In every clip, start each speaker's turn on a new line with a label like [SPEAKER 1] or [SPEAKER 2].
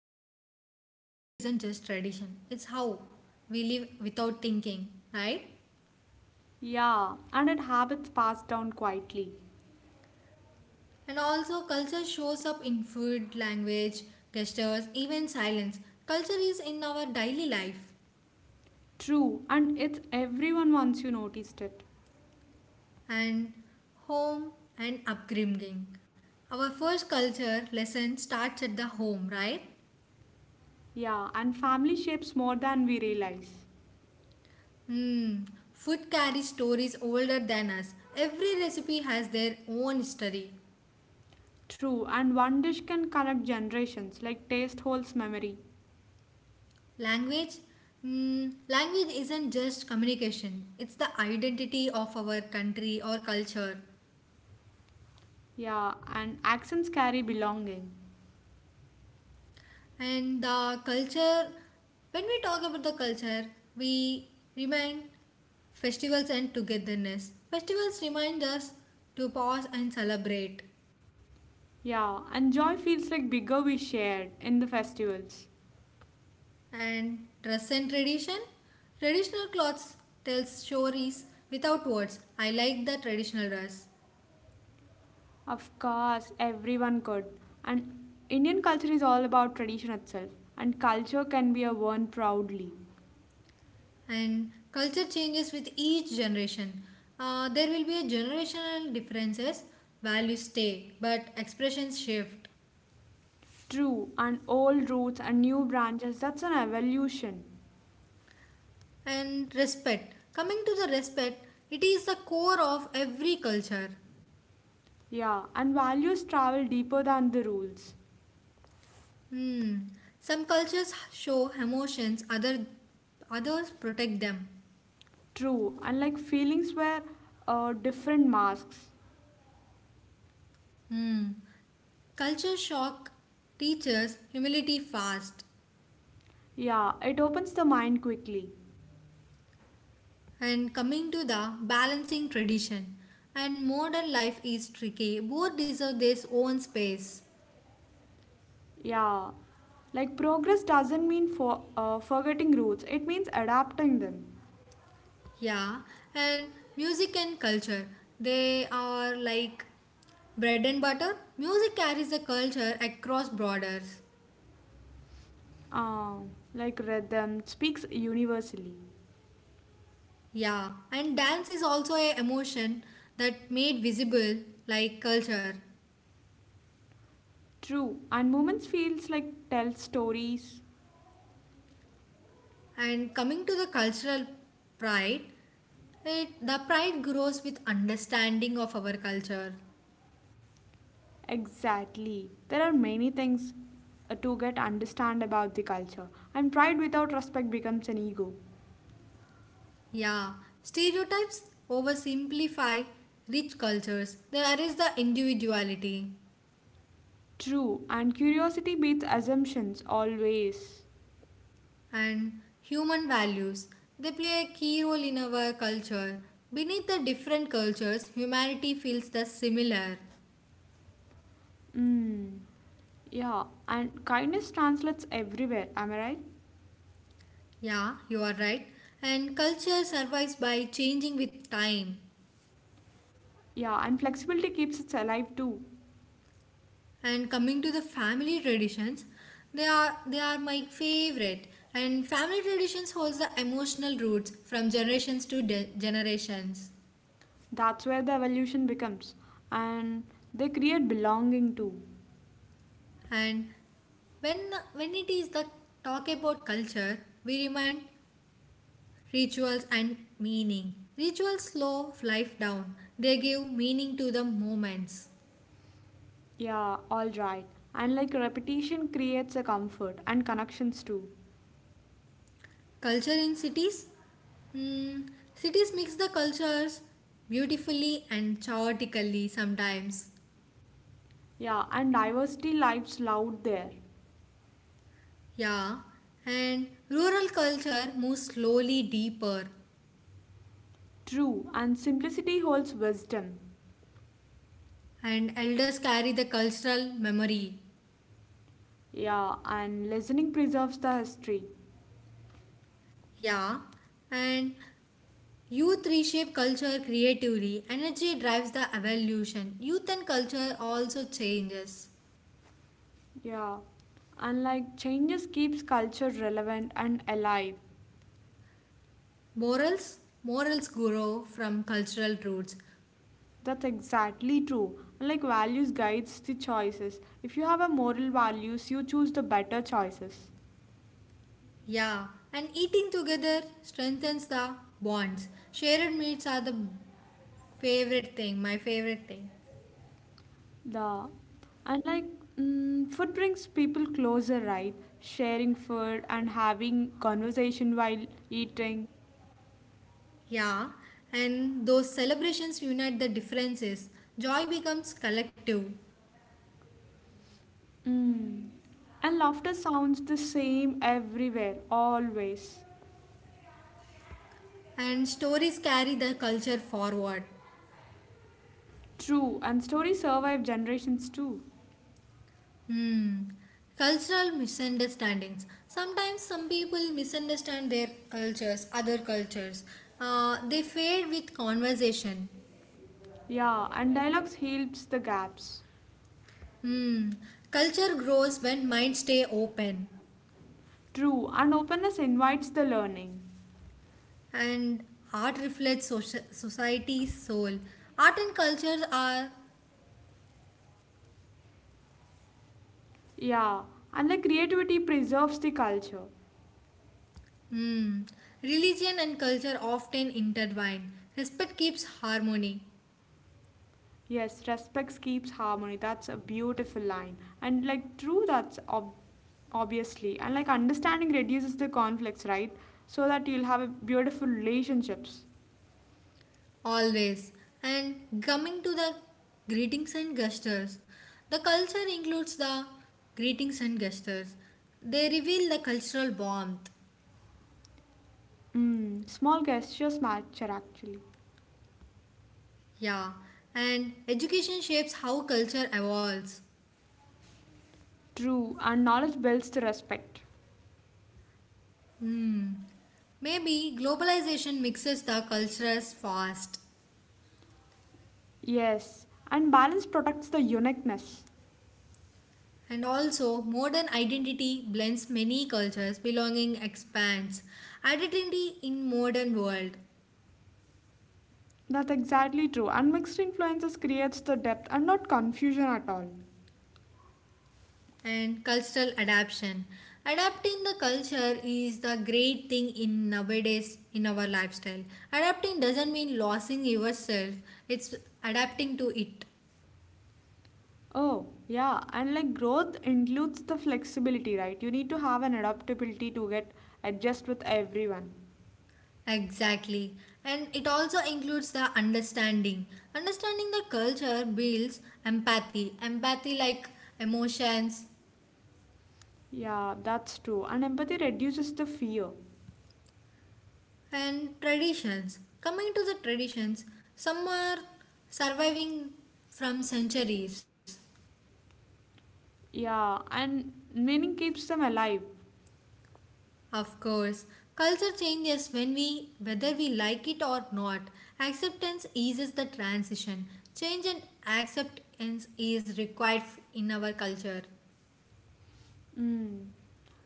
[SPEAKER 1] culture? Culture isn't just tradition, it's how we live without thinking, right?
[SPEAKER 2] Yeah, and it habits passed down quietly.
[SPEAKER 1] And also, culture shows up in food, language, gestures, even silence. Culture is in our daily life
[SPEAKER 2] True, and it's everyone once you noticed it.
[SPEAKER 1] and home and upbringing. Our first culture lesson starts at the home, right?
[SPEAKER 2] Yeah, and family shapes more than we realize.
[SPEAKER 1] Hmm. Food carries stories older than us. Every recipe has their own history.
[SPEAKER 2] True, and one dish can connect generations, like taste holds memory.
[SPEAKER 1] Language? Language isn't just communication, it's the identity of our country or culture.
[SPEAKER 2] Yeah, and accents carry belonging.
[SPEAKER 1] And the culture, when we talk about the culture, we remind festivals and togetherness. Festivals remind us to pause and celebrate.
[SPEAKER 2] Yeah, and joy feels like bigger we shared in the festivals.
[SPEAKER 1] And dress and tradition? Traditional clothes tells stories without words. I like the traditional dress.
[SPEAKER 2] Of course, everyone could. And Indian culture is all about tradition itself, and culture can be worn proudly.
[SPEAKER 1] And culture changes with each generation. There will be a generational differences. Values stay, but expressions shift.
[SPEAKER 2] True, and old roots and new branches, that's an evolution.
[SPEAKER 1] And respect. Coming to the respect, it is the core of every culture.
[SPEAKER 2] Yeah, and values travel deeper than the rules.
[SPEAKER 1] Hmm. Some cultures show emotions, others protect them.
[SPEAKER 2] True, and like feelings wear different masks.
[SPEAKER 1] Hmm. Culture shock teaches humility fast.
[SPEAKER 2] Yeah, it opens the mind quickly.
[SPEAKER 1] And coming to the balancing tradition and modern life is tricky. Both deserve their own space.
[SPEAKER 2] Yeah, like progress doesn't mean for forgetting roots, it means adapting them.
[SPEAKER 1] Yeah, and music and culture they are like bread and butter. Music carries the culture across borders.
[SPEAKER 2] Uh, like rhythm speaks universally.
[SPEAKER 1] Yeah, and dance is also a emotion that made visible like culture.
[SPEAKER 2] True, and movements feels like tell stories.
[SPEAKER 1] And coming to the cultural pride, the pride grows with understanding of our culture.
[SPEAKER 2] Exactly. There are many things to get understand about the culture, and pride without respect becomes an ego.
[SPEAKER 1] Yeah, stereotypes oversimplify rich cultures. They erase the individuality
[SPEAKER 2] True, and curiosity beats assumptions always.
[SPEAKER 1] and human values. They play a key role in our culture. Beneath the different cultures, humanity feels the similar.
[SPEAKER 2] Mm. Yeah, and kindness translates everywhere, am I right?
[SPEAKER 1] Yeah, you are right. And culture survives by changing with time.
[SPEAKER 2] Yeah, and flexibility keeps it alive too.
[SPEAKER 1] And coming to the family traditions, they are my favorite. And family traditions holds the emotional roots from generations to generations.
[SPEAKER 2] That's where the evolution becomes, and they create belonging too.
[SPEAKER 1] And when when it is the talk about culture, we remind rituals and meaning. Rituals slow life down. They give meaning to the moments.
[SPEAKER 2] Yeah, all right. And like repetition creates a comfort and connections too.
[SPEAKER 1] Culture in cities, mm, cities mix the cultures beautifully and chaotically sometimes.
[SPEAKER 2] Yeah, and diversity lives loud there.
[SPEAKER 1] Yeah, and rural culture moves slowly deeper,
[SPEAKER 2] True, and simplicity holds wisdom.
[SPEAKER 1] and elders carry the cultural memory.
[SPEAKER 2] Yeah, and listening preserves the history.
[SPEAKER 1] Yeah, and youth reshape culture creatively. Energy drives the evolution. Youth and culture also changes.
[SPEAKER 2] Yeah, and like changes keeps culture relevant and alive.
[SPEAKER 1] Morals? Morals grow from cultural roots.
[SPEAKER 2] That's exactly true. And like values guides the choices. If you have a moral values, you choose the better choices.
[SPEAKER 1] Yeah, and eating together strengthens the bonds. Shared meals are the favorite thing, my favorite thing.
[SPEAKER 2] The And like food brings people closer, right? Sharing food and having conversation while eating.
[SPEAKER 1] Yeah, and those celebrations unite the differences. Joy becomes collective,
[SPEAKER 2] Mm. And laughter sounds the same everywhere, always.
[SPEAKER 1] and stories carry the culture forward.
[SPEAKER 2] True, and stories survive generations too.
[SPEAKER 1] Hmm. Cultural misunderstandings. Sometimes some people misunderstand their cultures, other cultures. They fade with conversation.
[SPEAKER 2] Yeah, and dialogues heals the gaps.
[SPEAKER 1] Hmm. Culture grows when minds stay open,
[SPEAKER 2] True, and openness invites the learning.
[SPEAKER 1] and art reflects society's soul. Art and cultures are.
[SPEAKER 2] Yeah, and the creativity preserves the culture.
[SPEAKER 1] Hmm. Religion and culture often intertwine. Respect keeps harmony.
[SPEAKER 2] Yes, respect keeps harmony. That's a beautiful line. And like true, that's obviously. And like understanding reduces the conflicts, right? So that you'll have a beautiful relationships.
[SPEAKER 1] Always. And coming to the greetings and gestures, the culture includes the greetings and gestures. They reveal the cultural warmth.
[SPEAKER 2] Mm, small gestures matter actually.
[SPEAKER 1] Yeah. And education shapes how culture evolves.
[SPEAKER 2] True, and knowledge builds the respect.
[SPEAKER 1] Maybe globalization mixes the cultures fast.
[SPEAKER 2] Yes, and balance protects the uniqueness.
[SPEAKER 1] And also, modern identity blends many cultures, belonging expands. Identity in modern world.
[SPEAKER 2] That's exactly true. And mixed influences creates the depth and not confusion at all.
[SPEAKER 1] And cultural adaptation adapting the culture is the great thing in nowadays in our lifestyle adapting doesn't mean losing yourself it's adapting to it
[SPEAKER 2] Oh, yeah, and like growth includes the flexibility, right? You need to have an adaptability to get adjust with everyone.
[SPEAKER 1] exactly and it also includes the understanding understanding the culture builds empathy empathy like emotions
[SPEAKER 2] Yeah, that's true. And empathy reduces the fear.
[SPEAKER 1] and traditions coming to the traditions some are surviving from centuries.
[SPEAKER 2] Yeah, and meaning keeps them alive.
[SPEAKER 1] Of course, culture changes when we, whether we like it or not. Acceptance eases the transition. Change and acceptance is required in our culture.
[SPEAKER 2] Mm.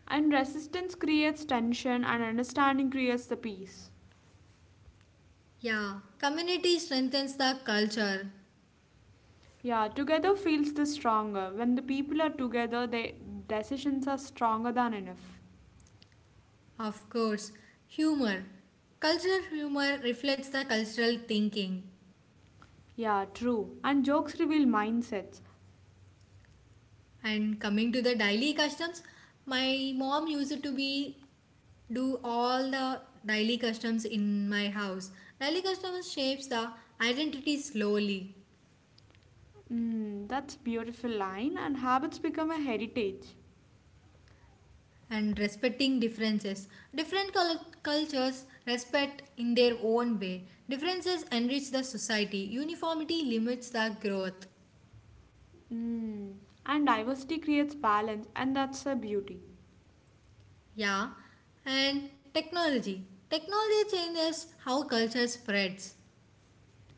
[SPEAKER 2] And resistance creates tension, and understanding creates the peace.
[SPEAKER 1] Yeah, community strengthens the culture.
[SPEAKER 2] Yeah, together feels the stronger. When the people are together, their decisions are stronger than enough.
[SPEAKER 1] Of course, humor. Cultural humor reflects the cultural thinking.
[SPEAKER 2] Yeah, true. And jokes reveal mindsets.
[SPEAKER 1] And coming to the daily customs, my mom used to be do all the daily customs in my house. Daily customs shapes the identity slowly
[SPEAKER 2] Mm, that's a beautiful line. And habits become a heritage.
[SPEAKER 1] and respecting differences. Different cultures respect in their own way. Differences enrich the society. Uniformity limits the growth.
[SPEAKER 2] Mm. And diversity creates balance, and that's a beauty.
[SPEAKER 1] Yeah, and technology. Technology changes how culture spreads.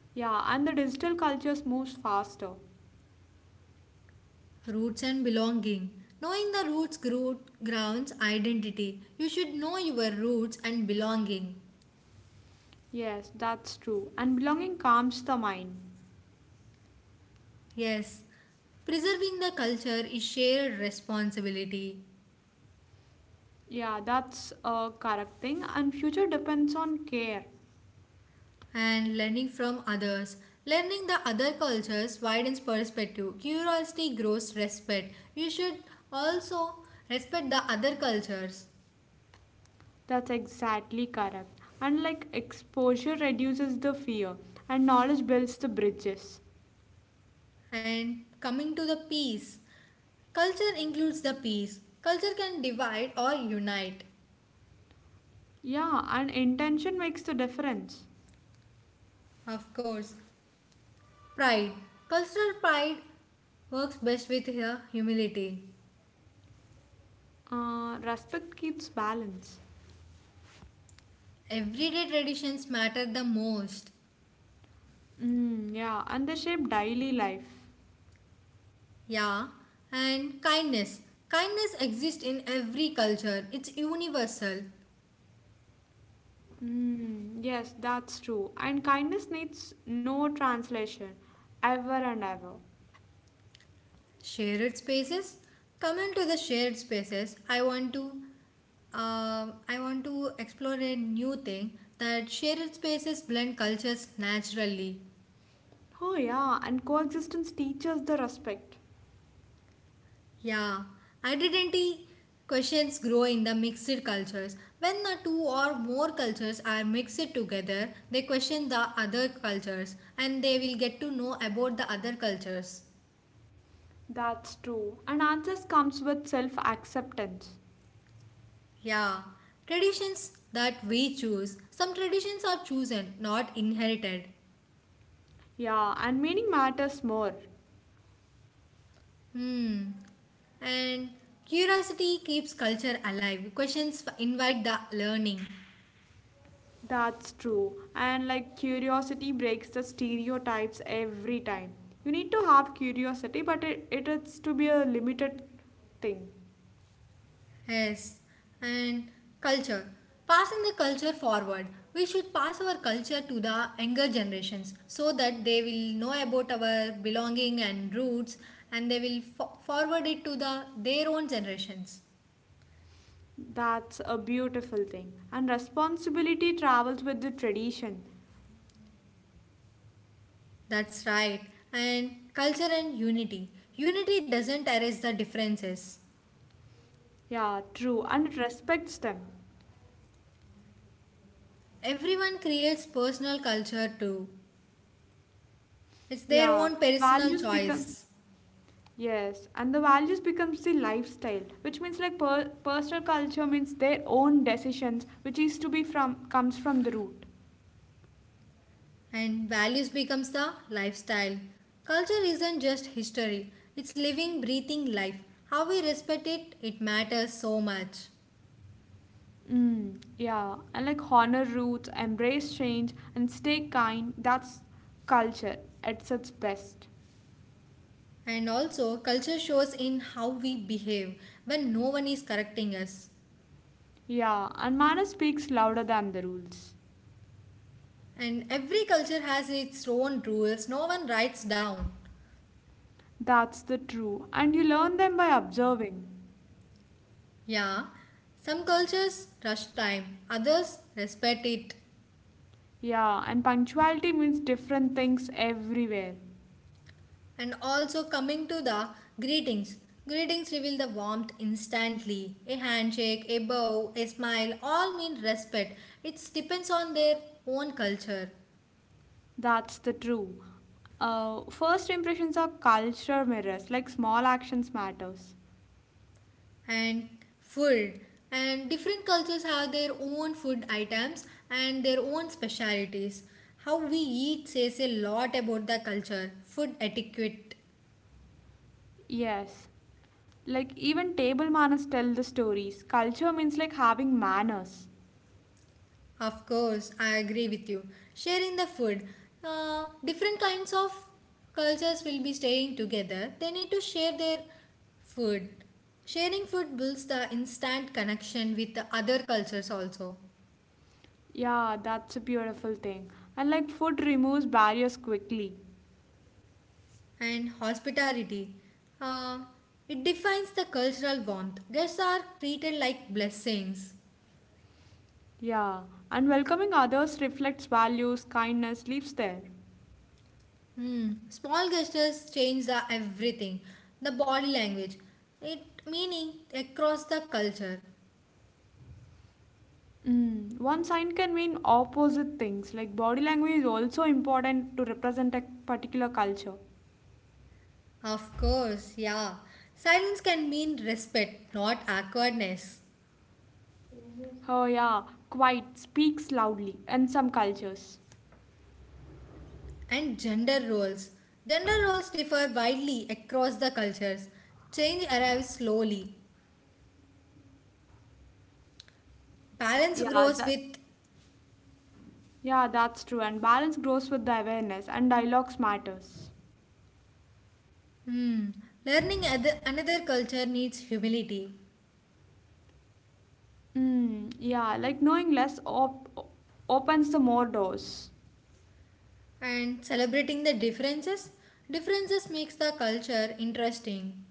[SPEAKER 2] Yeah, and the digital cultures moves faster.
[SPEAKER 1] Roots and belonging. Knowing the roots grow grounds identity. You should know your roots and belonging.
[SPEAKER 2] Yes, that's true. And belonging calms the mind.
[SPEAKER 1] Yes, preserving the culture is shared responsibility
[SPEAKER 2] Yeah, that's a correct thing. And future depends on care.
[SPEAKER 1] and learning from others. Learning the other cultures widens perspective. Curiosity grows respect. You should also respect the other cultures.
[SPEAKER 2] That's exactly correct. And like exposure reduces the fear, and knowledge builds the bridges.
[SPEAKER 1] And coming to the peace, culture includes the peace. Culture can divide or unite.
[SPEAKER 2] Yeah, and intention makes the difference.
[SPEAKER 1] Of course, pride. Cultural pride works best with her humility.
[SPEAKER 2] Respect keeps balance.
[SPEAKER 1] Everyday traditions matter the most.
[SPEAKER 2] Mm, yeah, and they shape daily life.
[SPEAKER 1] Yeah, and kindness. Kindness exists in every culture, it's universal.
[SPEAKER 2] Mm, yes, that's true. And kindness needs no translation, ever and ever.
[SPEAKER 1] Shared spaces. Coming to the shared spaces, I want to explore a new thing that shared spaces blend cultures naturally.
[SPEAKER 2] Oh, yeah, and coexistence teaches the respect.
[SPEAKER 1] Yeah, identity questions grow in the mixed cultures. When the two or more cultures are mixed together, they question the other cultures and they will get to know about the other cultures.
[SPEAKER 2] That's true. And answers comes with self acceptance.
[SPEAKER 1] Yeah, traditions that we choose. Some traditions are chosen, not inherited.
[SPEAKER 2] Yeah, and meaning matters more.
[SPEAKER 1] Hmm. And curiosity keeps culture alive. Questions invite the learning.
[SPEAKER 2] That's true. And like curiosity breaks the stereotypes every time. You need to have curiosity, but it is to be a limited thing.
[SPEAKER 1] Yes. And culture. Passing the culture forward. We should pass our culture to the younger generations so that they will know about our belonging and roots and they will forward it to the their own generations.
[SPEAKER 2] That's a beautiful thing. And responsibility travels with the tradition.
[SPEAKER 1] That's right. And culture and unity. Unity doesn't erase the differences.
[SPEAKER 2] Yeah, true. And it respects them.
[SPEAKER 1] Everyone creates personal culture too. It's their
[SPEAKER 2] Yeah,
[SPEAKER 1] own personal
[SPEAKER 2] values become.
[SPEAKER 1] choice.
[SPEAKER 2] Yes, and the values becomes the lifestyle, which means like personal culture means their own decisions, which is to be from comes from the root.
[SPEAKER 1] And values becomes the lifestyle. Culture isn't just history. It's living, breathing life. How we respect it, it matters so much.
[SPEAKER 2] Mm, yeah, and like honor roots, embrace change, and stay kind. That's culture at its best.
[SPEAKER 1] And also, culture shows in how we behave when no one is correcting us.
[SPEAKER 2] Yeah, and manner speaks louder than the rules.
[SPEAKER 1] And every culture has its own rules, no one writes down.
[SPEAKER 2] That's the true, and you learn them by observing.
[SPEAKER 1] Yeah, some cultures rush time, others respect it.
[SPEAKER 2] Yeah, and punctuality means different things everywhere.
[SPEAKER 1] And also, coming to the greetings, greetings reveal the warmth instantly. A handshake, a bow, a smile all mean respect. It depends on their own culture
[SPEAKER 2] That's the true. First impressions are culture mirrors, like small actions matters.
[SPEAKER 1] and food. And different cultures have their own food items and their own specialities. How we eat says a lot about the culture, food etiquette.
[SPEAKER 2] Yes. Like even table manners tell the stories. Culture means like having manners.
[SPEAKER 1] Of course, I agree with you. Sharing the food, different kinds of cultures will be staying together. They need to share their food. Sharing food builds the instant connection with the other cultures also.
[SPEAKER 2] Yeah, that's a beautiful thing. And like food removes barriers quickly.
[SPEAKER 1] And hospitality, uh, it defines the cultural warmth. Guests are treated like blessings.
[SPEAKER 2] Yeah. And welcoming others reflects values, kindness lives there.
[SPEAKER 1] Hmm. Small gestures change the everything. The body language, it meaning across the culture.
[SPEAKER 2] Mm. One sign can mean opposite things. Like body language is also important to represent a particular culture.
[SPEAKER 1] Of course, yeah. Silence can mean respect, not awkwardness.
[SPEAKER 2] Oh yeah, quiet speaks loudly in some cultures.
[SPEAKER 1] And gender roles. Gender roles differ widely across the cultures. Change arrives slowly. Balance
[SPEAKER 2] Yeah,
[SPEAKER 1] grows
[SPEAKER 2] that's
[SPEAKER 1] with
[SPEAKER 2] Yeah, that's true. And balance grows with the awareness, and dialogues matters.
[SPEAKER 1] hmm, learning other, another culture needs humility
[SPEAKER 2] Mm, yeah, like knowing less opens the more doors.
[SPEAKER 1] and celebrating the differences. Differences makes the culture interesting.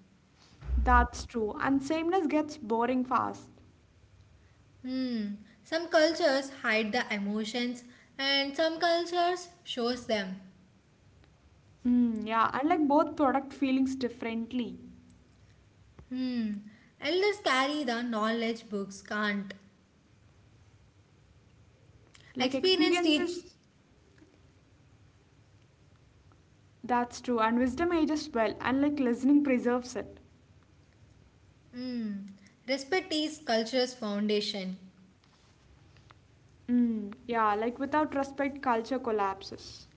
[SPEAKER 2] That's true. And sameness gets boring fast.
[SPEAKER 1] Hmm. Some cultures hide the emotions and some cultures shows them.
[SPEAKER 2] Mm, yeah, and like both product feelings differently.
[SPEAKER 1] Hmm. Elders carry the knowledge books can't.
[SPEAKER 2] Like
[SPEAKER 1] Experience teach.
[SPEAKER 2] experiences, that's true. And wisdom ages well, and like listening preserves it.
[SPEAKER 1] Hmm. Respect is culture's foundation.
[SPEAKER 2] Mm, yeah, like without respect, culture collapses.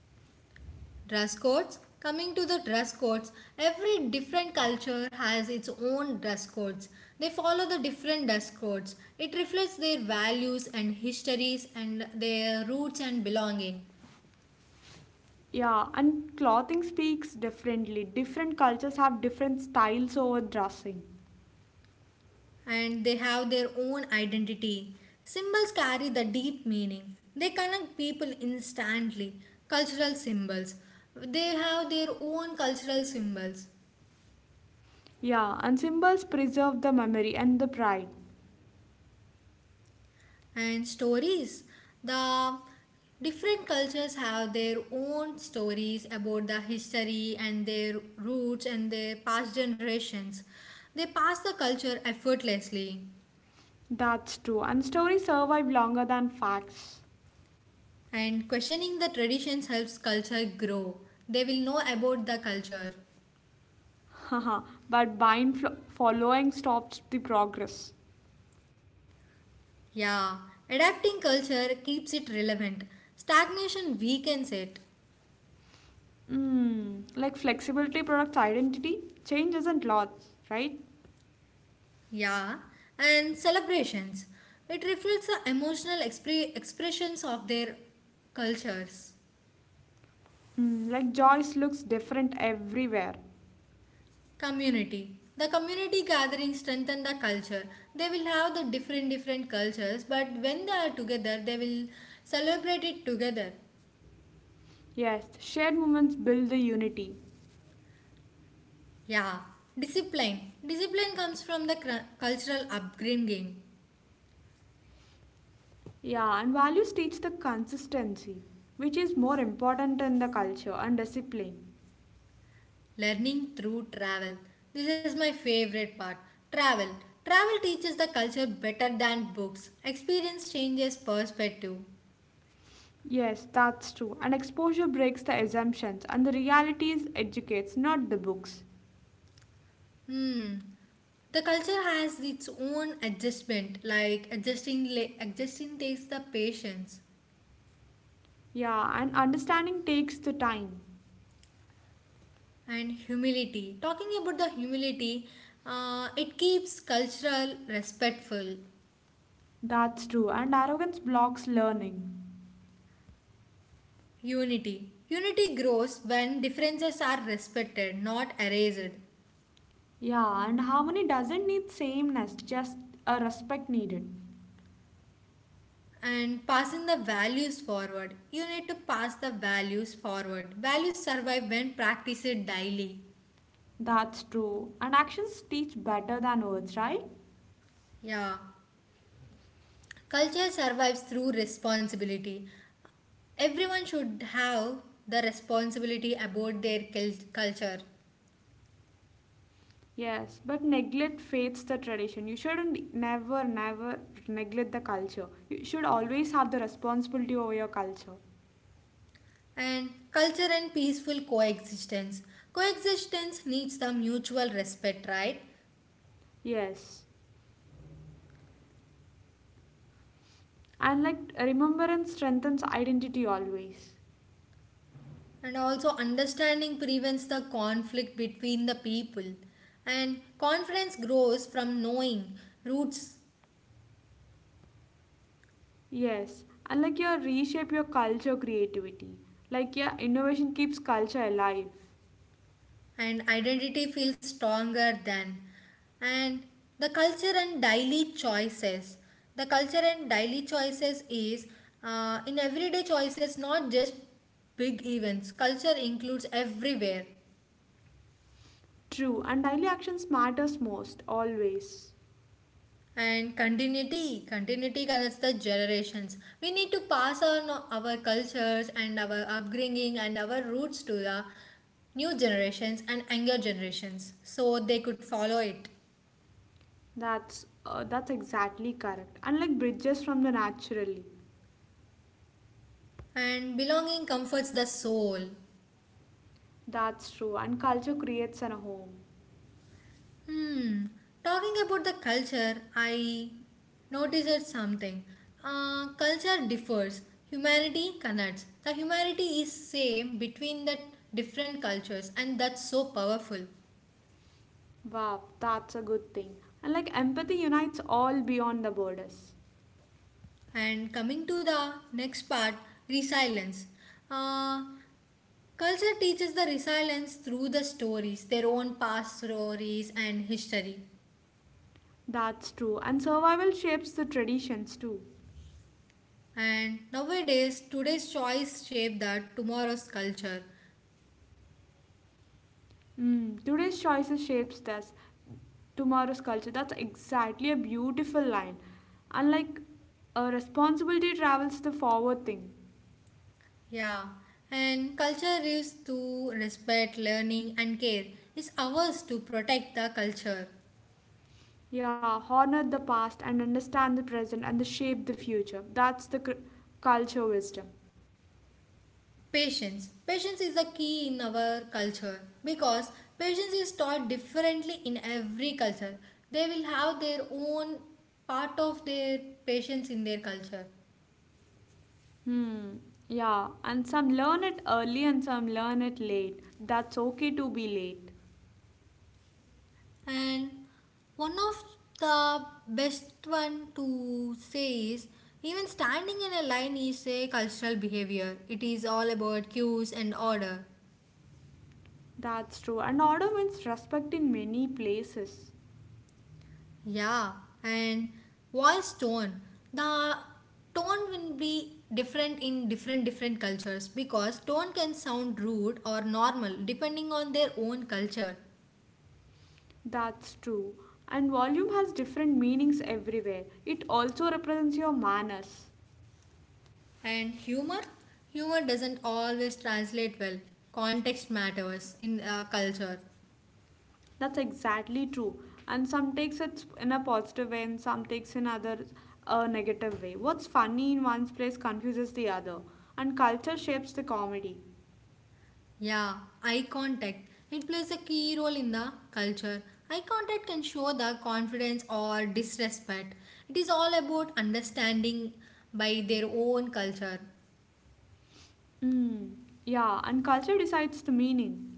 [SPEAKER 1] Dress codes. Coming to the dress codes, every different culture has its own dress codes. They follow the different dress codes. It reflects their values and histories and their roots and belonging.
[SPEAKER 2] Yeah, and clothing speaks differently. Different cultures have different styles over dressing.
[SPEAKER 1] And they have their own identity. Symbols carry the deep meaning. They connect people instantly. Cultural symbols. They have their own cultural symbols
[SPEAKER 2] Yeah, and symbols preserve the memory and the pride.
[SPEAKER 1] and stories. The different cultures have their own stories about the history and their roots and their past generations. They pass the culture effortlessly
[SPEAKER 2] That's true. And stories survive longer than facts.
[SPEAKER 1] and questioning the traditions helps culture grow. They will know about the culture.
[SPEAKER 2] Haha, but buying following stops the progress.
[SPEAKER 1] Yeah, adapting culture keeps it relevant. Stagnation weakens it.
[SPEAKER 2] Mm, like flexibility products identity, change isn't loss, right?
[SPEAKER 1] Yeah, and celebrations. It reflects the emotional expressions of their cultures.
[SPEAKER 2] Mm, like joys looks different everywhere.
[SPEAKER 1] Community. The community gathering strengthen the culture. They will have the different different cultures, but when they are together, they will celebrate it together.
[SPEAKER 2] Yes, shared moments build the unity.
[SPEAKER 1] Yeah, discipline. Discipline comes from the cultural upbringing.
[SPEAKER 2] Yeah, and values teach the consistency, which is more important in the culture and discipline.
[SPEAKER 1] Learning through travel. This is my favorite part. Travel. Travel teaches the culture better than books. Experience changes perspective.
[SPEAKER 2] Yes, that's true. And exposure breaks the assumptions, and the realities educates, not the books.
[SPEAKER 1] Hmm. The culture has its own adjustment, like adjusting takes the patience
[SPEAKER 2] Yeah, and understanding takes the time.
[SPEAKER 1] and humility. Talking about the humility, it keeps cultural respectful.
[SPEAKER 2] That's true. And arrogance blocks learning.
[SPEAKER 1] Unity. Unity grows when differences are respected, not erased.
[SPEAKER 2] Yeah, and harmony doesn't need sameness, just a respect needed.
[SPEAKER 1] And passing the values forward. You need to pass the values forward. Values survive when practiced daily.
[SPEAKER 2] That's true. And actions teach better than words, right?
[SPEAKER 1] Yeah. Culture survives through responsibility. Everyone should have the responsibility about their culture.
[SPEAKER 2] Yes, but neglect fades the tradition. You shouldn't never, never neglect the culture. You should always have the responsibility over your culture.
[SPEAKER 1] And culture and peaceful coexistence. Coexistence needs the mutual respect, right?
[SPEAKER 2] Yes. And like remembrance strengthens identity always.
[SPEAKER 1] And also understanding prevents the conflict between the people and confidence grows from knowing roots
[SPEAKER 2] Yes. And like your reshape your culture creativity. Like yeah, innovation keeps culture alive.
[SPEAKER 1] and identity feels stronger than and the culture and daily choices the culture and daily choices is in everyday choices not just big events culture includes everywhere.
[SPEAKER 2] True. And daily actions matters most always.
[SPEAKER 1] And continuity, continuity connects the generations. We need to pass on our cultures and our upbringing and our roots to the new generations and younger generations so they could follow it.
[SPEAKER 2] That's exactly correct. And like bridges from the naturally.
[SPEAKER 1] And belonging comforts the soul.
[SPEAKER 2] That's true. And culture creates an home.
[SPEAKER 1] Hmm, talking about the culture, I noticed something. Culture differs. Humanity connects. The humanity is same between the different cultures, and that's so powerful.
[SPEAKER 2] Wow, that's a good thing. And like empathy unites all beyond the borders.
[SPEAKER 1] And coming to the next part, resilience. Uh, Culture teaches the resilience through the stories, their own past stories and history.
[SPEAKER 2] That's true. And survival shapes the traditions too.
[SPEAKER 1] And nowadays, today's choice shape that tomorrow's culture.
[SPEAKER 2] Mm, today's choices shapes this, tomorrow's culture. That's exactly a beautiful line. And like a responsibility travels the forward thing.
[SPEAKER 1] Yeah, and culture is to respect, learning, and care. It's ours to protect the culture.
[SPEAKER 2] Yeah, honor the past and understand the present and the shape the future. That's the culture wisdom.
[SPEAKER 1] Patience. Patience is the key in our culture because patience is taught differently in every culture. They will have their own part of their patience in their culture.
[SPEAKER 2] Hmm. Yeah, and some learn it early and some learn it late. That's okay to be late.
[SPEAKER 1] And one of the best one to say is even standing in a line is a cultural behavior. It is all about cues and order.
[SPEAKER 2] That's true. And order means respect in many places.
[SPEAKER 1] Yeah, and voice tone. The tone will be different in different cultures because tone can sound rude or normal depending on their own culture.
[SPEAKER 2] That's true. And volume has different meanings everywhere. It also represents your manners.
[SPEAKER 1] And humor doesn't always translate well. Context matters in culture.
[SPEAKER 2] That's exactly true. And some takes it in a positive way and some takes in other a negative way. What's funny in one's place confuses the other. And culture shapes the comedy.
[SPEAKER 1] Yeah, eye contact. It plays a key role in the culture. Eye contact can show the confidence or disrespect. It is all about understanding by their own culture.
[SPEAKER 2] Mm, yeah, and culture decides the meaning.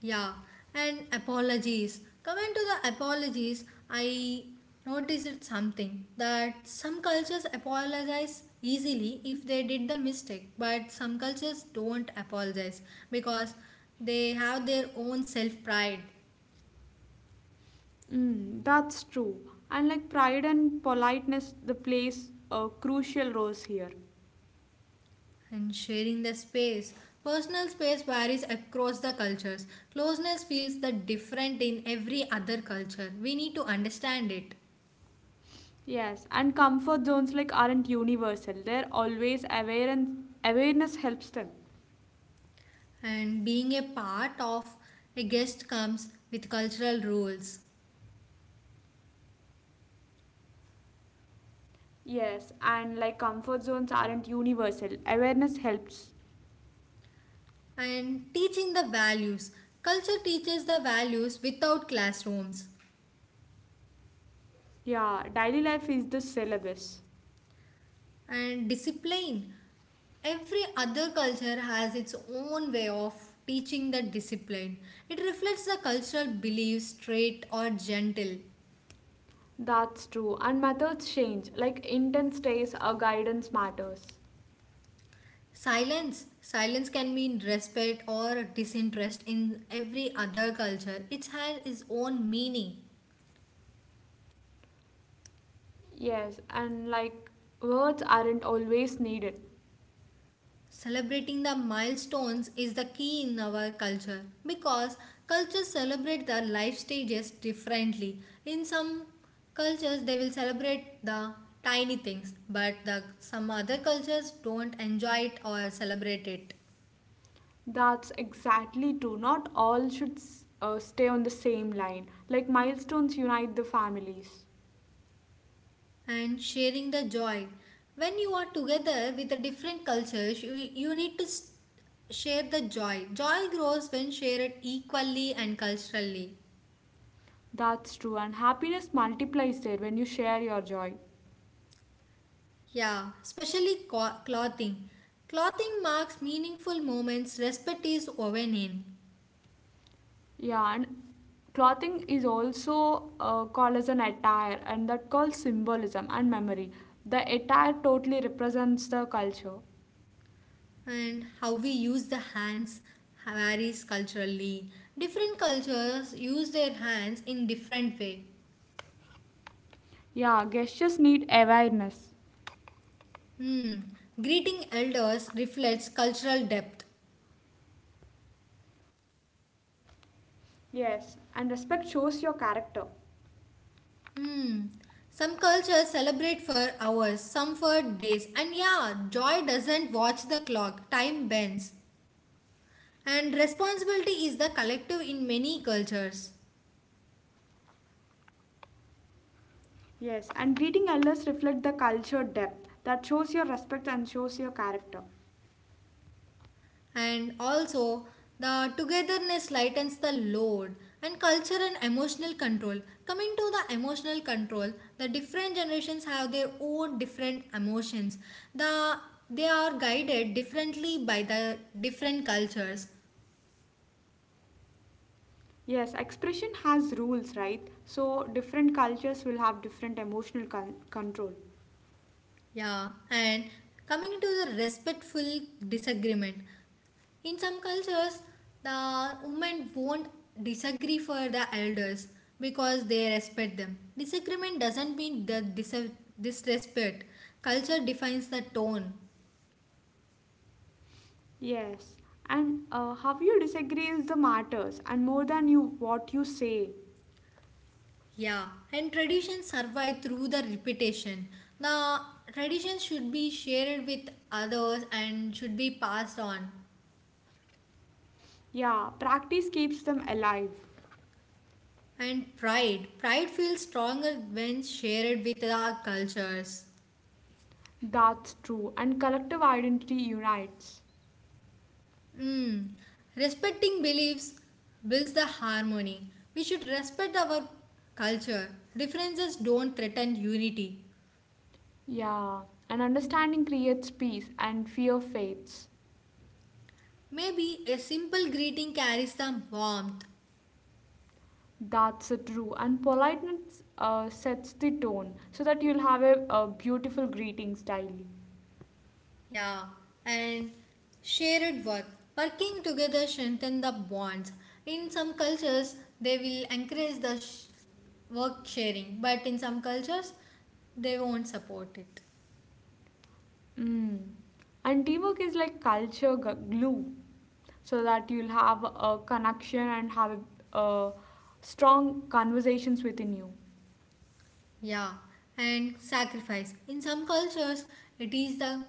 [SPEAKER 1] Yeah, and apologies. Coming to the apologies, I noticed something that some cultures apologize easily if they did the mistake, but some cultures don't apologize because they have their own self pride
[SPEAKER 2] Mm, that's true. And like pride and politeness, the plays a crucial roles here.
[SPEAKER 1] and sharing the space. Personal space varies across the cultures. Closeness feels the different in every other culture. We need to understand it.
[SPEAKER 2] Yes, and comfort zones like aren't universal. They're always aware and awareness helps them.
[SPEAKER 1] And being a part of a guest comes with cultural rules
[SPEAKER 2] Yes, and like comfort zones aren't universal. Awareness helps.
[SPEAKER 1] and teaching the values culture teaches the values without classrooms
[SPEAKER 2] Yeah, daily life is the syllabus.
[SPEAKER 1] and discipline every other culture has its own way of teaching the discipline it reflects the cultural beliefs straight or gentle
[SPEAKER 2] That's true. And methods change. Like intent stays or guidance matters.
[SPEAKER 1] silence can mean respect or disinterest in every other culture it has its own meaning.
[SPEAKER 2] Yes, and like words aren't always needed.
[SPEAKER 1] Celebrating the milestones is the key in our culture because cultures celebrate the life stages differently. In some cultures, they will celebrate the tiny things, but some other cultures don't enjoy it or celebrate it.
[SPEAKER 2] That's exactly true. Not all should stay on the same line. Like milestones unite the families.
[SPEAKER 1] And sharing the joy. When you are together with the different cultures, you need to share the joy. Joy grows when shared equally and culturally.
[SPEAKER 2] That's true. And happiness multiplies there when you share your joy.
[SPEAKER 1] Yeah, especially clothing. Clothing marks meaningful moments respect is woven in,
[SPEAKER 2] Yeah, and clothing is also called as an attire, and that calls symbolism and memory. The attire totally represents the culture.
[SPEAKER 1] and how we use the hands varies culturally. Different cultures use their hands in different way.
[SPEAKER 2] Yeah, gestures need awareness.
[SPEAKER 1] Hmm. Greeting elders reflects cultural depth.
[SPEAKER 2] Yes, and respect shows your character.
[SPEAKER 1] Hmm. Some cultures celebrate for hours, some for days, and yeah, joy doesn't watch the clock. Time bends, and responsibility is the collective in many cultures.
[SPEAKER 2] Yes, and greeting elders reflect the culture depth that shows your respect and shows your character.
[SPEAKER 1] And also, the togetherness lightens the load and culture and emotional control. Coming to the emotional control, the different generations have their own different emotions. The they are guided differently by the different cultures.
[SPEAKER 2] Yes, expression has rules, right? So different cultures will have different emotional control.
[SPEAKER 1] Yeah, and coming to the respectful disagreement. In some cultures, the women won't disagree for the elders because they respect them. Disagreement doesn't mean the disrespect. Culture defines the tone.
[SPEAKER 2] Yes, and how you disagree is the matters, and more than you what you say.
[SPEAKER 1] Yeah, and traditions survive through the repetition. The traditions should be shared with others and should be passed on.
[SPEAKER 2] Yeah, practice keeps them alive.
[SPEAKER 1] And pride. Pride feels stronger when shared with our cultures.
[SPEAKER 2] That's true, and collective identity unites.
[SPEAKER 1] Mm. Respecting beliefs builds the harmony. We should respect our culture. Differences don't threaten unity.
[SPEAKER 2] Yeah, and understanding creates peace, and fear fades.
[SPEAKER 1] Maybe a simple greeting carries some warmth.
[SPEAKER 2] That's true. And politeness sets the tone so that you'll have a beautiful greeting style.
[SPEAKER 1] Yeah. And shared work. Working together strengthen the bonds. In some cultures, they will encourage the work sharing, but in some cultures, they won't support it.
[SPEAKER 2] Mm. And teamwork is like culture glue so that you'll have a connection and have a strong conversations within you.
[SPEAKER 1] Yeah, and sacrifice. In some cultures, it is the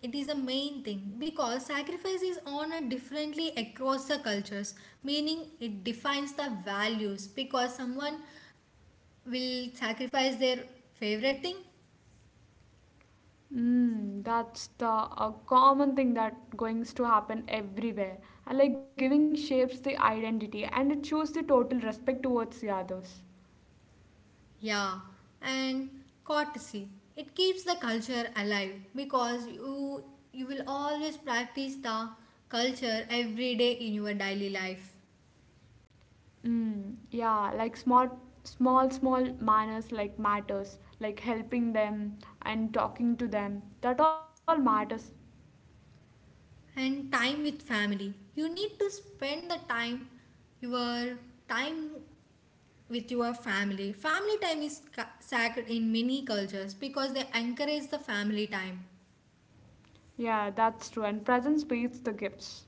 [SPEAKER 1] it is a main thing because sacrifice is honored differently across the cultures, meaning it defines the values because someone will sacrifice their favorite thing,
[SPEAKER 2] Mm, that's the a common thing that goings to happen everywhere. And like giving shapes the identity and it shows the total respect towards the others.
[SPEAKER 1] yeah, and courtesy. It keeps the culture alive because you will always practice the culture every day in your daily life
[SPEAKER 2] Mm, yeah, like small manners like matters, like helping them and talking to them. That all matters.
[SPEAKER 1] and time with family. You need to spend the time your time with your family. Family time is sacred in many cultures because they encourage the family time.
[SPEAKER 2] Yeah, that's true. And presence beats the gifts.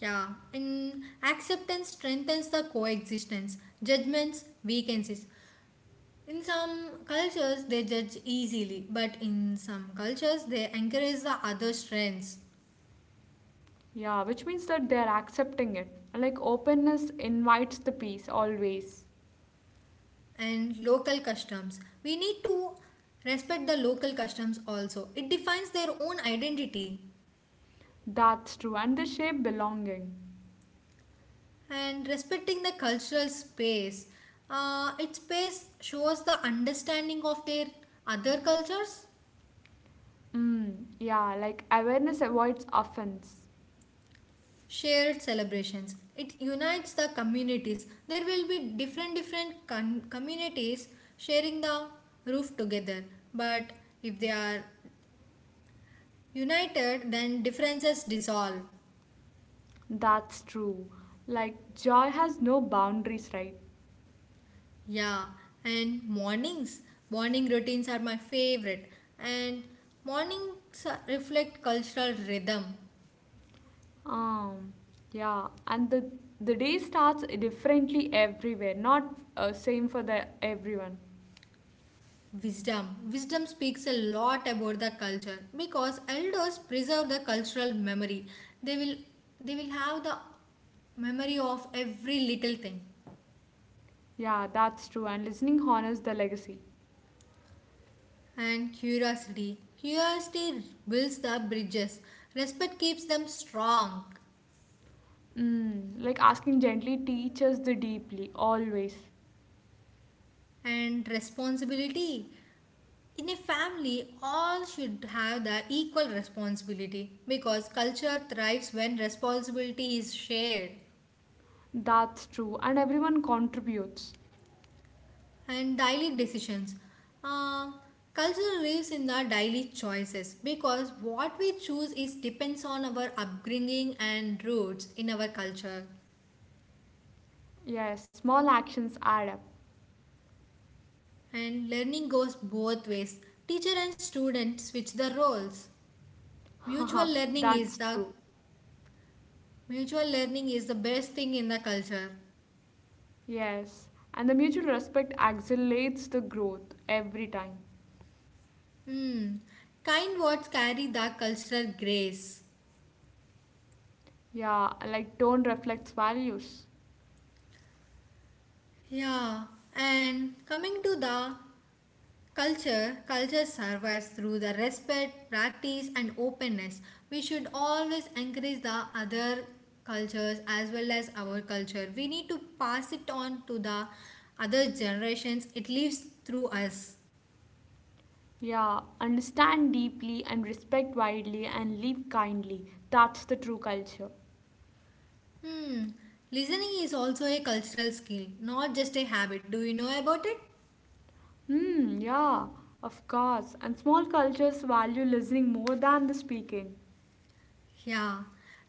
[SPEAKER 1] Yeah, and acceptance strengthens the coexistence. Judgments weakens it. In some cultures, they judge easily, but in some cultures, they encourage the other strengths
[SPEAKER 2] Yeah, which means that they are accepting it. Like openness invites the peace always.
[SPEAKER 1] and local customs. We need to respect the local customs also. It defines their own identity.
[SPEAKER 2] That's true. And they shape belonging.
[SPEAKER 1] And respecting the cultural space. Its space shows the understanding of their other cultures,
[SPEAKER 2] Mm, yeah, like awareness avoids offense.
[SPEAKER 1] shared celebrations. It unites the communities. There will be different communities sharing the roof together, but if they are united, then differences dissolve.
[SPEAKER 2] That's true. Like joy has no boundaries, right?
[SPEAKER 1] Yeah, and morning routines are my favorite, and mornings reflect cultural rhythm.
[SPEAKER 2] Um, yeah, and the day starts differently everywhere, not same for the everyone.
[SPEAKER 1] Wisdom. Wisdom speaks a lot about the culture because elders preserve the cultural memory. They will they will have the memory of every little thing.
[SPEAKER 2] Yeah, that's true. And listening honors the legacy.
[SPEAKER 1] And curiosity. Curiosity builds the bridges. Respect keeps them strong.
[SPEAKER 2] Mm, like asking gently teaches the deeply always.
[SPEAKER 1] And responsibility. In a family, all should have the equal responsibility because culture thrives when responsibility is shared.
[SPEAKER 2] That's true, and everyone contributes.
[SPEAKER 1] And daily decisions. Um, Culture lives in the daily choices because what we choose is depends on our upbringing and roots in our culture.
[SPEAKER 2] Yes, small actions add up.
[SPEAKER 1] And learning goes both ways. Teacher and student switch the roles. Mutual
[SPEAKER 2] Haha,
[SPEAKER 1] learning is
[SPEAKER 2] that's
[SPEAKER 1] the
[SPEAKER 2] true.
[SPEAKER 1] Mutual learning is the best thing in the culture.
[SPEAKER 2] Yes, and the mutual respect accelerates the growth every time.
[SPEAKER 1] Hmm. Kind words carry the cultural grace.
[SPEAKER 2] Yeah, like tone reflects values.
[SPEAKER 1] Yeah, and coming to the culture survives through the respect, practice, and openness. We should always encourage the other cultures as well as our culture. We need to pass it on to the other generations. It lives through us.
[SPEAKER 2] Yeah, understand deeply and respect widely and live kindly. That's the true culture.
[SPEAKER 1] Hmm. Listening is also a cultural skill, not just a habit. Do you know about it?
[SPEAKER 2] Hmm, yeah, of course. And small cultures value listening more than the speaking.
[SPEAKER 1] Yeah,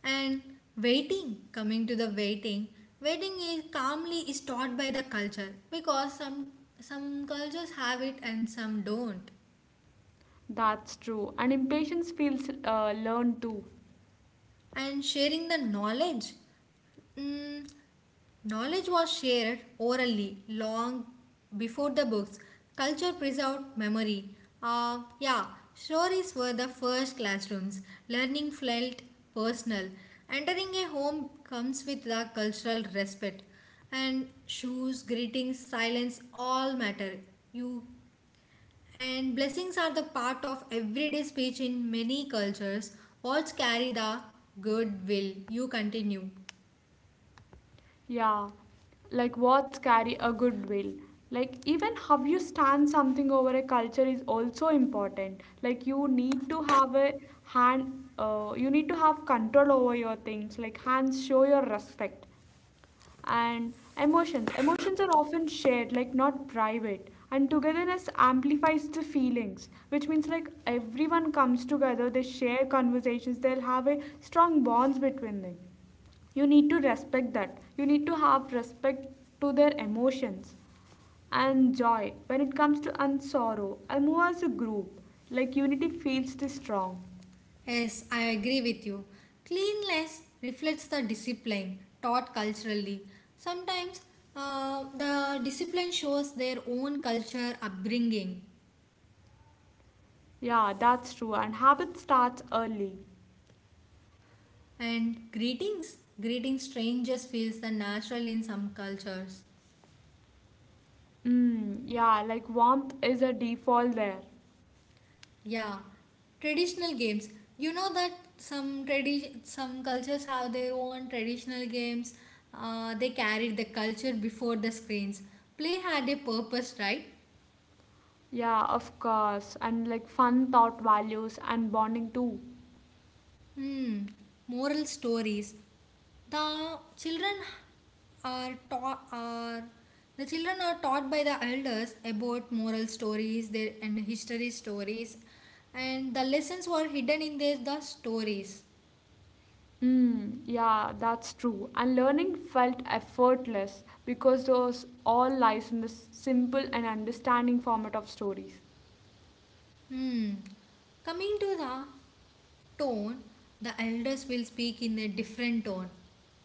[SPEAKER 1] and waiting, coming to the waiting, waiting is calmly is taught by the culture because some cultures have it and some don't.
[SPEAKER 2] That's true. And impatience feels learned too.
[SPEAKER 1] And sharing the knowledge, mm, knowledge was shared orally long before the books. Culture preserved memory. Yeah, stories were the first classrooms. Learning felt personal. Entering a home comes with the cultural respect. And shoes, greetings, silence all matter. You and blessings are the part of everyday speech in many cultures. Words carry the goodwill. You continue.
[SPEAKER 2] Yeah, like words carry a goodwill. Like even how you stand something over a culture is also important. Like you need to have a hand, you need to have control over your things. Like hands show your respect. And emotions. Emotions are often shared, like not private. And togetherness amplifies the feelings, which means like everyone comes together, they share conversations, they'll have a strong bonds between them. You need to respect that. You need to have respect to their emotions and joy. When it comes to and sorrow, I move as a group. Like unity feels the strong.
[SPEAKER 1] Yes, I agree with you. Cleanliness reflects the discipline taught culturally. Sometimes the discipline shows their own culture upbringing.
[SPEAKER 2] Yeah, that's true. And habit starts early.
[SPEAKER 1] And greetings, greeting strangers feels the natural in some cultures.
[SPEAKER 2] Mm, yeah, like warmth is a default there.
[SPEAKER 1] Yeah, traditional games. You know that some cultures have their own traditional games. They carried the culture before the screens. Play had a purpose, right?
[SPEAKER 2] Yeah, of course. And like fun thought values and bonding too.
[SPEAKER 1] Hmm, moral stories. The children are taught are the children are taught by the elders about moral stories their and history stories and the lessons were hidden in the stories.
[SPEAKER 2] Mm, yeah, that's true. And learning felt effortless because those all lies in the simple and understanding format of stories.
[SPEAKER 1] Hmm. Coming to the tone, the elders will speak in a different tone.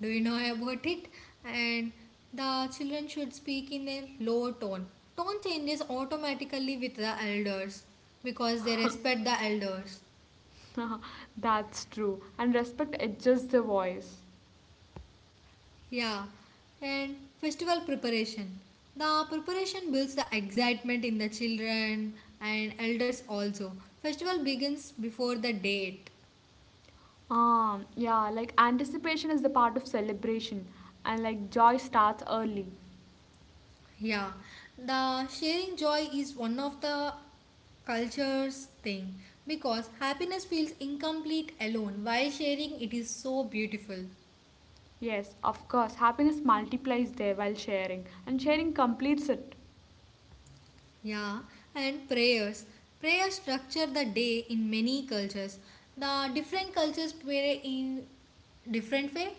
[SPEAKER 1] Do you know about it? And the children should speak in a low tone. Tone changes automatically with the elders because they respect the elders.
[SPEAKER 2] That's true. And respect adjusts the voice.
[SPEAKER 1] Yeah. And festival preparation. The preparation builds the excitement in the children and elders also. Festival begins before the date.
[SPEAKER 2] Yeah, like anticipation is the part of celebration and like joy starts early.
[SPEAKER 1] Yeah, the sharing joy is one of the culture's thing because happiness feels incomplete alone while sharing it is so beautiful.
[SPEAKER 2] Yes, of course, happiness multiplies there while sharing, and sharing completes it.
[SPEAKER 1] Yeah, and prayers. Prayers structure the day in many cultures. The different cultures pray in different way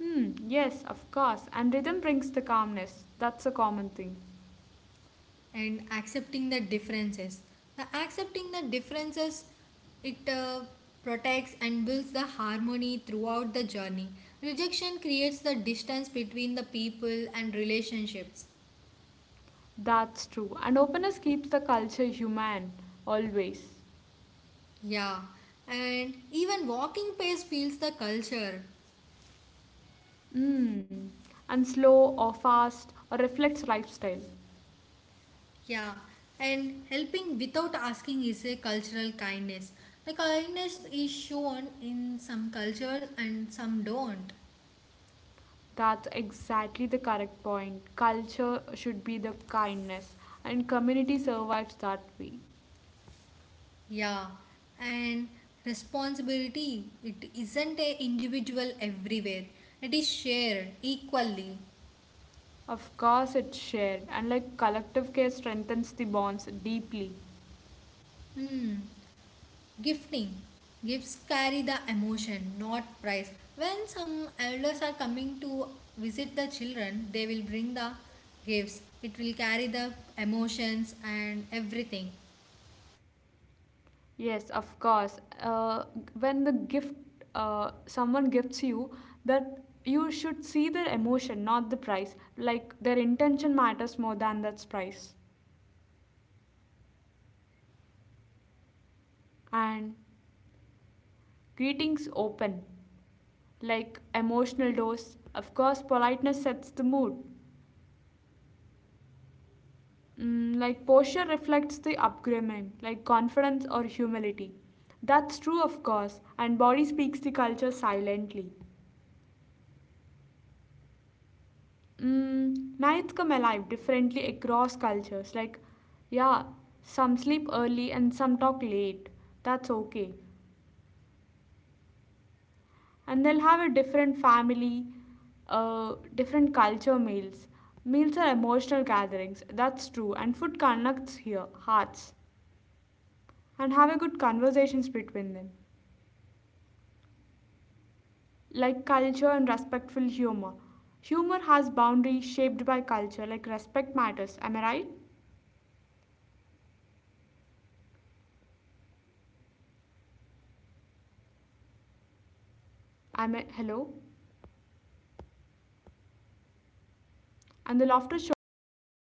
[SPEAKER 2] Hmm, yes, of course, and rhythm brings the calmness. That's a common thing.
[SPEAKER 1] and accepting the differences the accepting the differences it protects and builds the harmony throughout the journey rejection creates the distance between the people and relationships
[SPEAKER 2] That's true, and openness keeps the culture human, always.
[SPEAKER 1] yeah and even walking pace feels the culture
[SPEAKER 2] Hmm, and slow or fast or reflects lifestyle.
[SPEAKER 1] yeah and helping without asking is a cultural kindness the kindness is shown in some cultures and some don't.
[SPEAKER 2] That's exactly the correct point. Culture should be the kindness, and community survives that way.
[SPEAKER 1] Yeah, and responsibility, it isn't a individual everywhere. It is shared equally.
[SPEAKER 2] Of course, it's shared, and like collective care strengthens the bonds deeply.
[SPEAKER 1] Hmm. Gifting. Gifts carry the emotion, not price. When some elders are coming to visit the children, they will bring the gifts. It will carry the emotions and everything.
[SPEAKER 2] Yes, of course. When the gift someone gifts you, that you should see their emotion, not the price. Like their intention matters more than that price.
[SPEAKER 1] Yeah, I agree with you. Because I used to
[SPEAKER 2] And
[SPEAKER 1] be very happy.
[SPEAKER 2] greetings open, like emotional dose. Of course, politeness sets the mood.
[SPEAKER 1] Poster
[SPEAKER 2] Mm,
[SPEAKER 1] reflects
[SPEAKER 2] like
[SPEAKER 1] the
[SPEAKER 2] posture reflects the upbringing, like confidence or humility. That's true, of course, and body speaks the culture silently.
[SPEAKER 1] Yeah,
[SPEAKER 2] Mm, nights come alive
[SPEAKER 1] nights.
[SPEAKER 2] differently across cultures. Like, yeah, some sleep early and some talk late. That's okay.
[SPEAKER 1] Hmm. Meals are the
[SPEAKER 2] And they'll have
[SPEAKER 1] emotional
[SPEAKER 2] a
[SPEAKER 1] gap.
[SPEAKER 2] different family, different culture meals. Meals are emotional gatherings. That's true. And food connects here, hearts, and have a good conversations between them.
[SPEAKER 1] Hmm. Humor has boundaries
[SPEAKER 2] Like culture
[SPEAKER 1] shaped by.
[SPEAKER 2] and respectful humor. Humor has boundaries shaped by culture, like respect matters. Am I right?
[SPEAKER 1] Yeah, remembering names shows the respect. True. ఎందుకంటే because
[SPEAKER 2] Am I
[SPEAKER 1] it's
[SPEAKER 2] hello? And the laughter shouldn't hurt.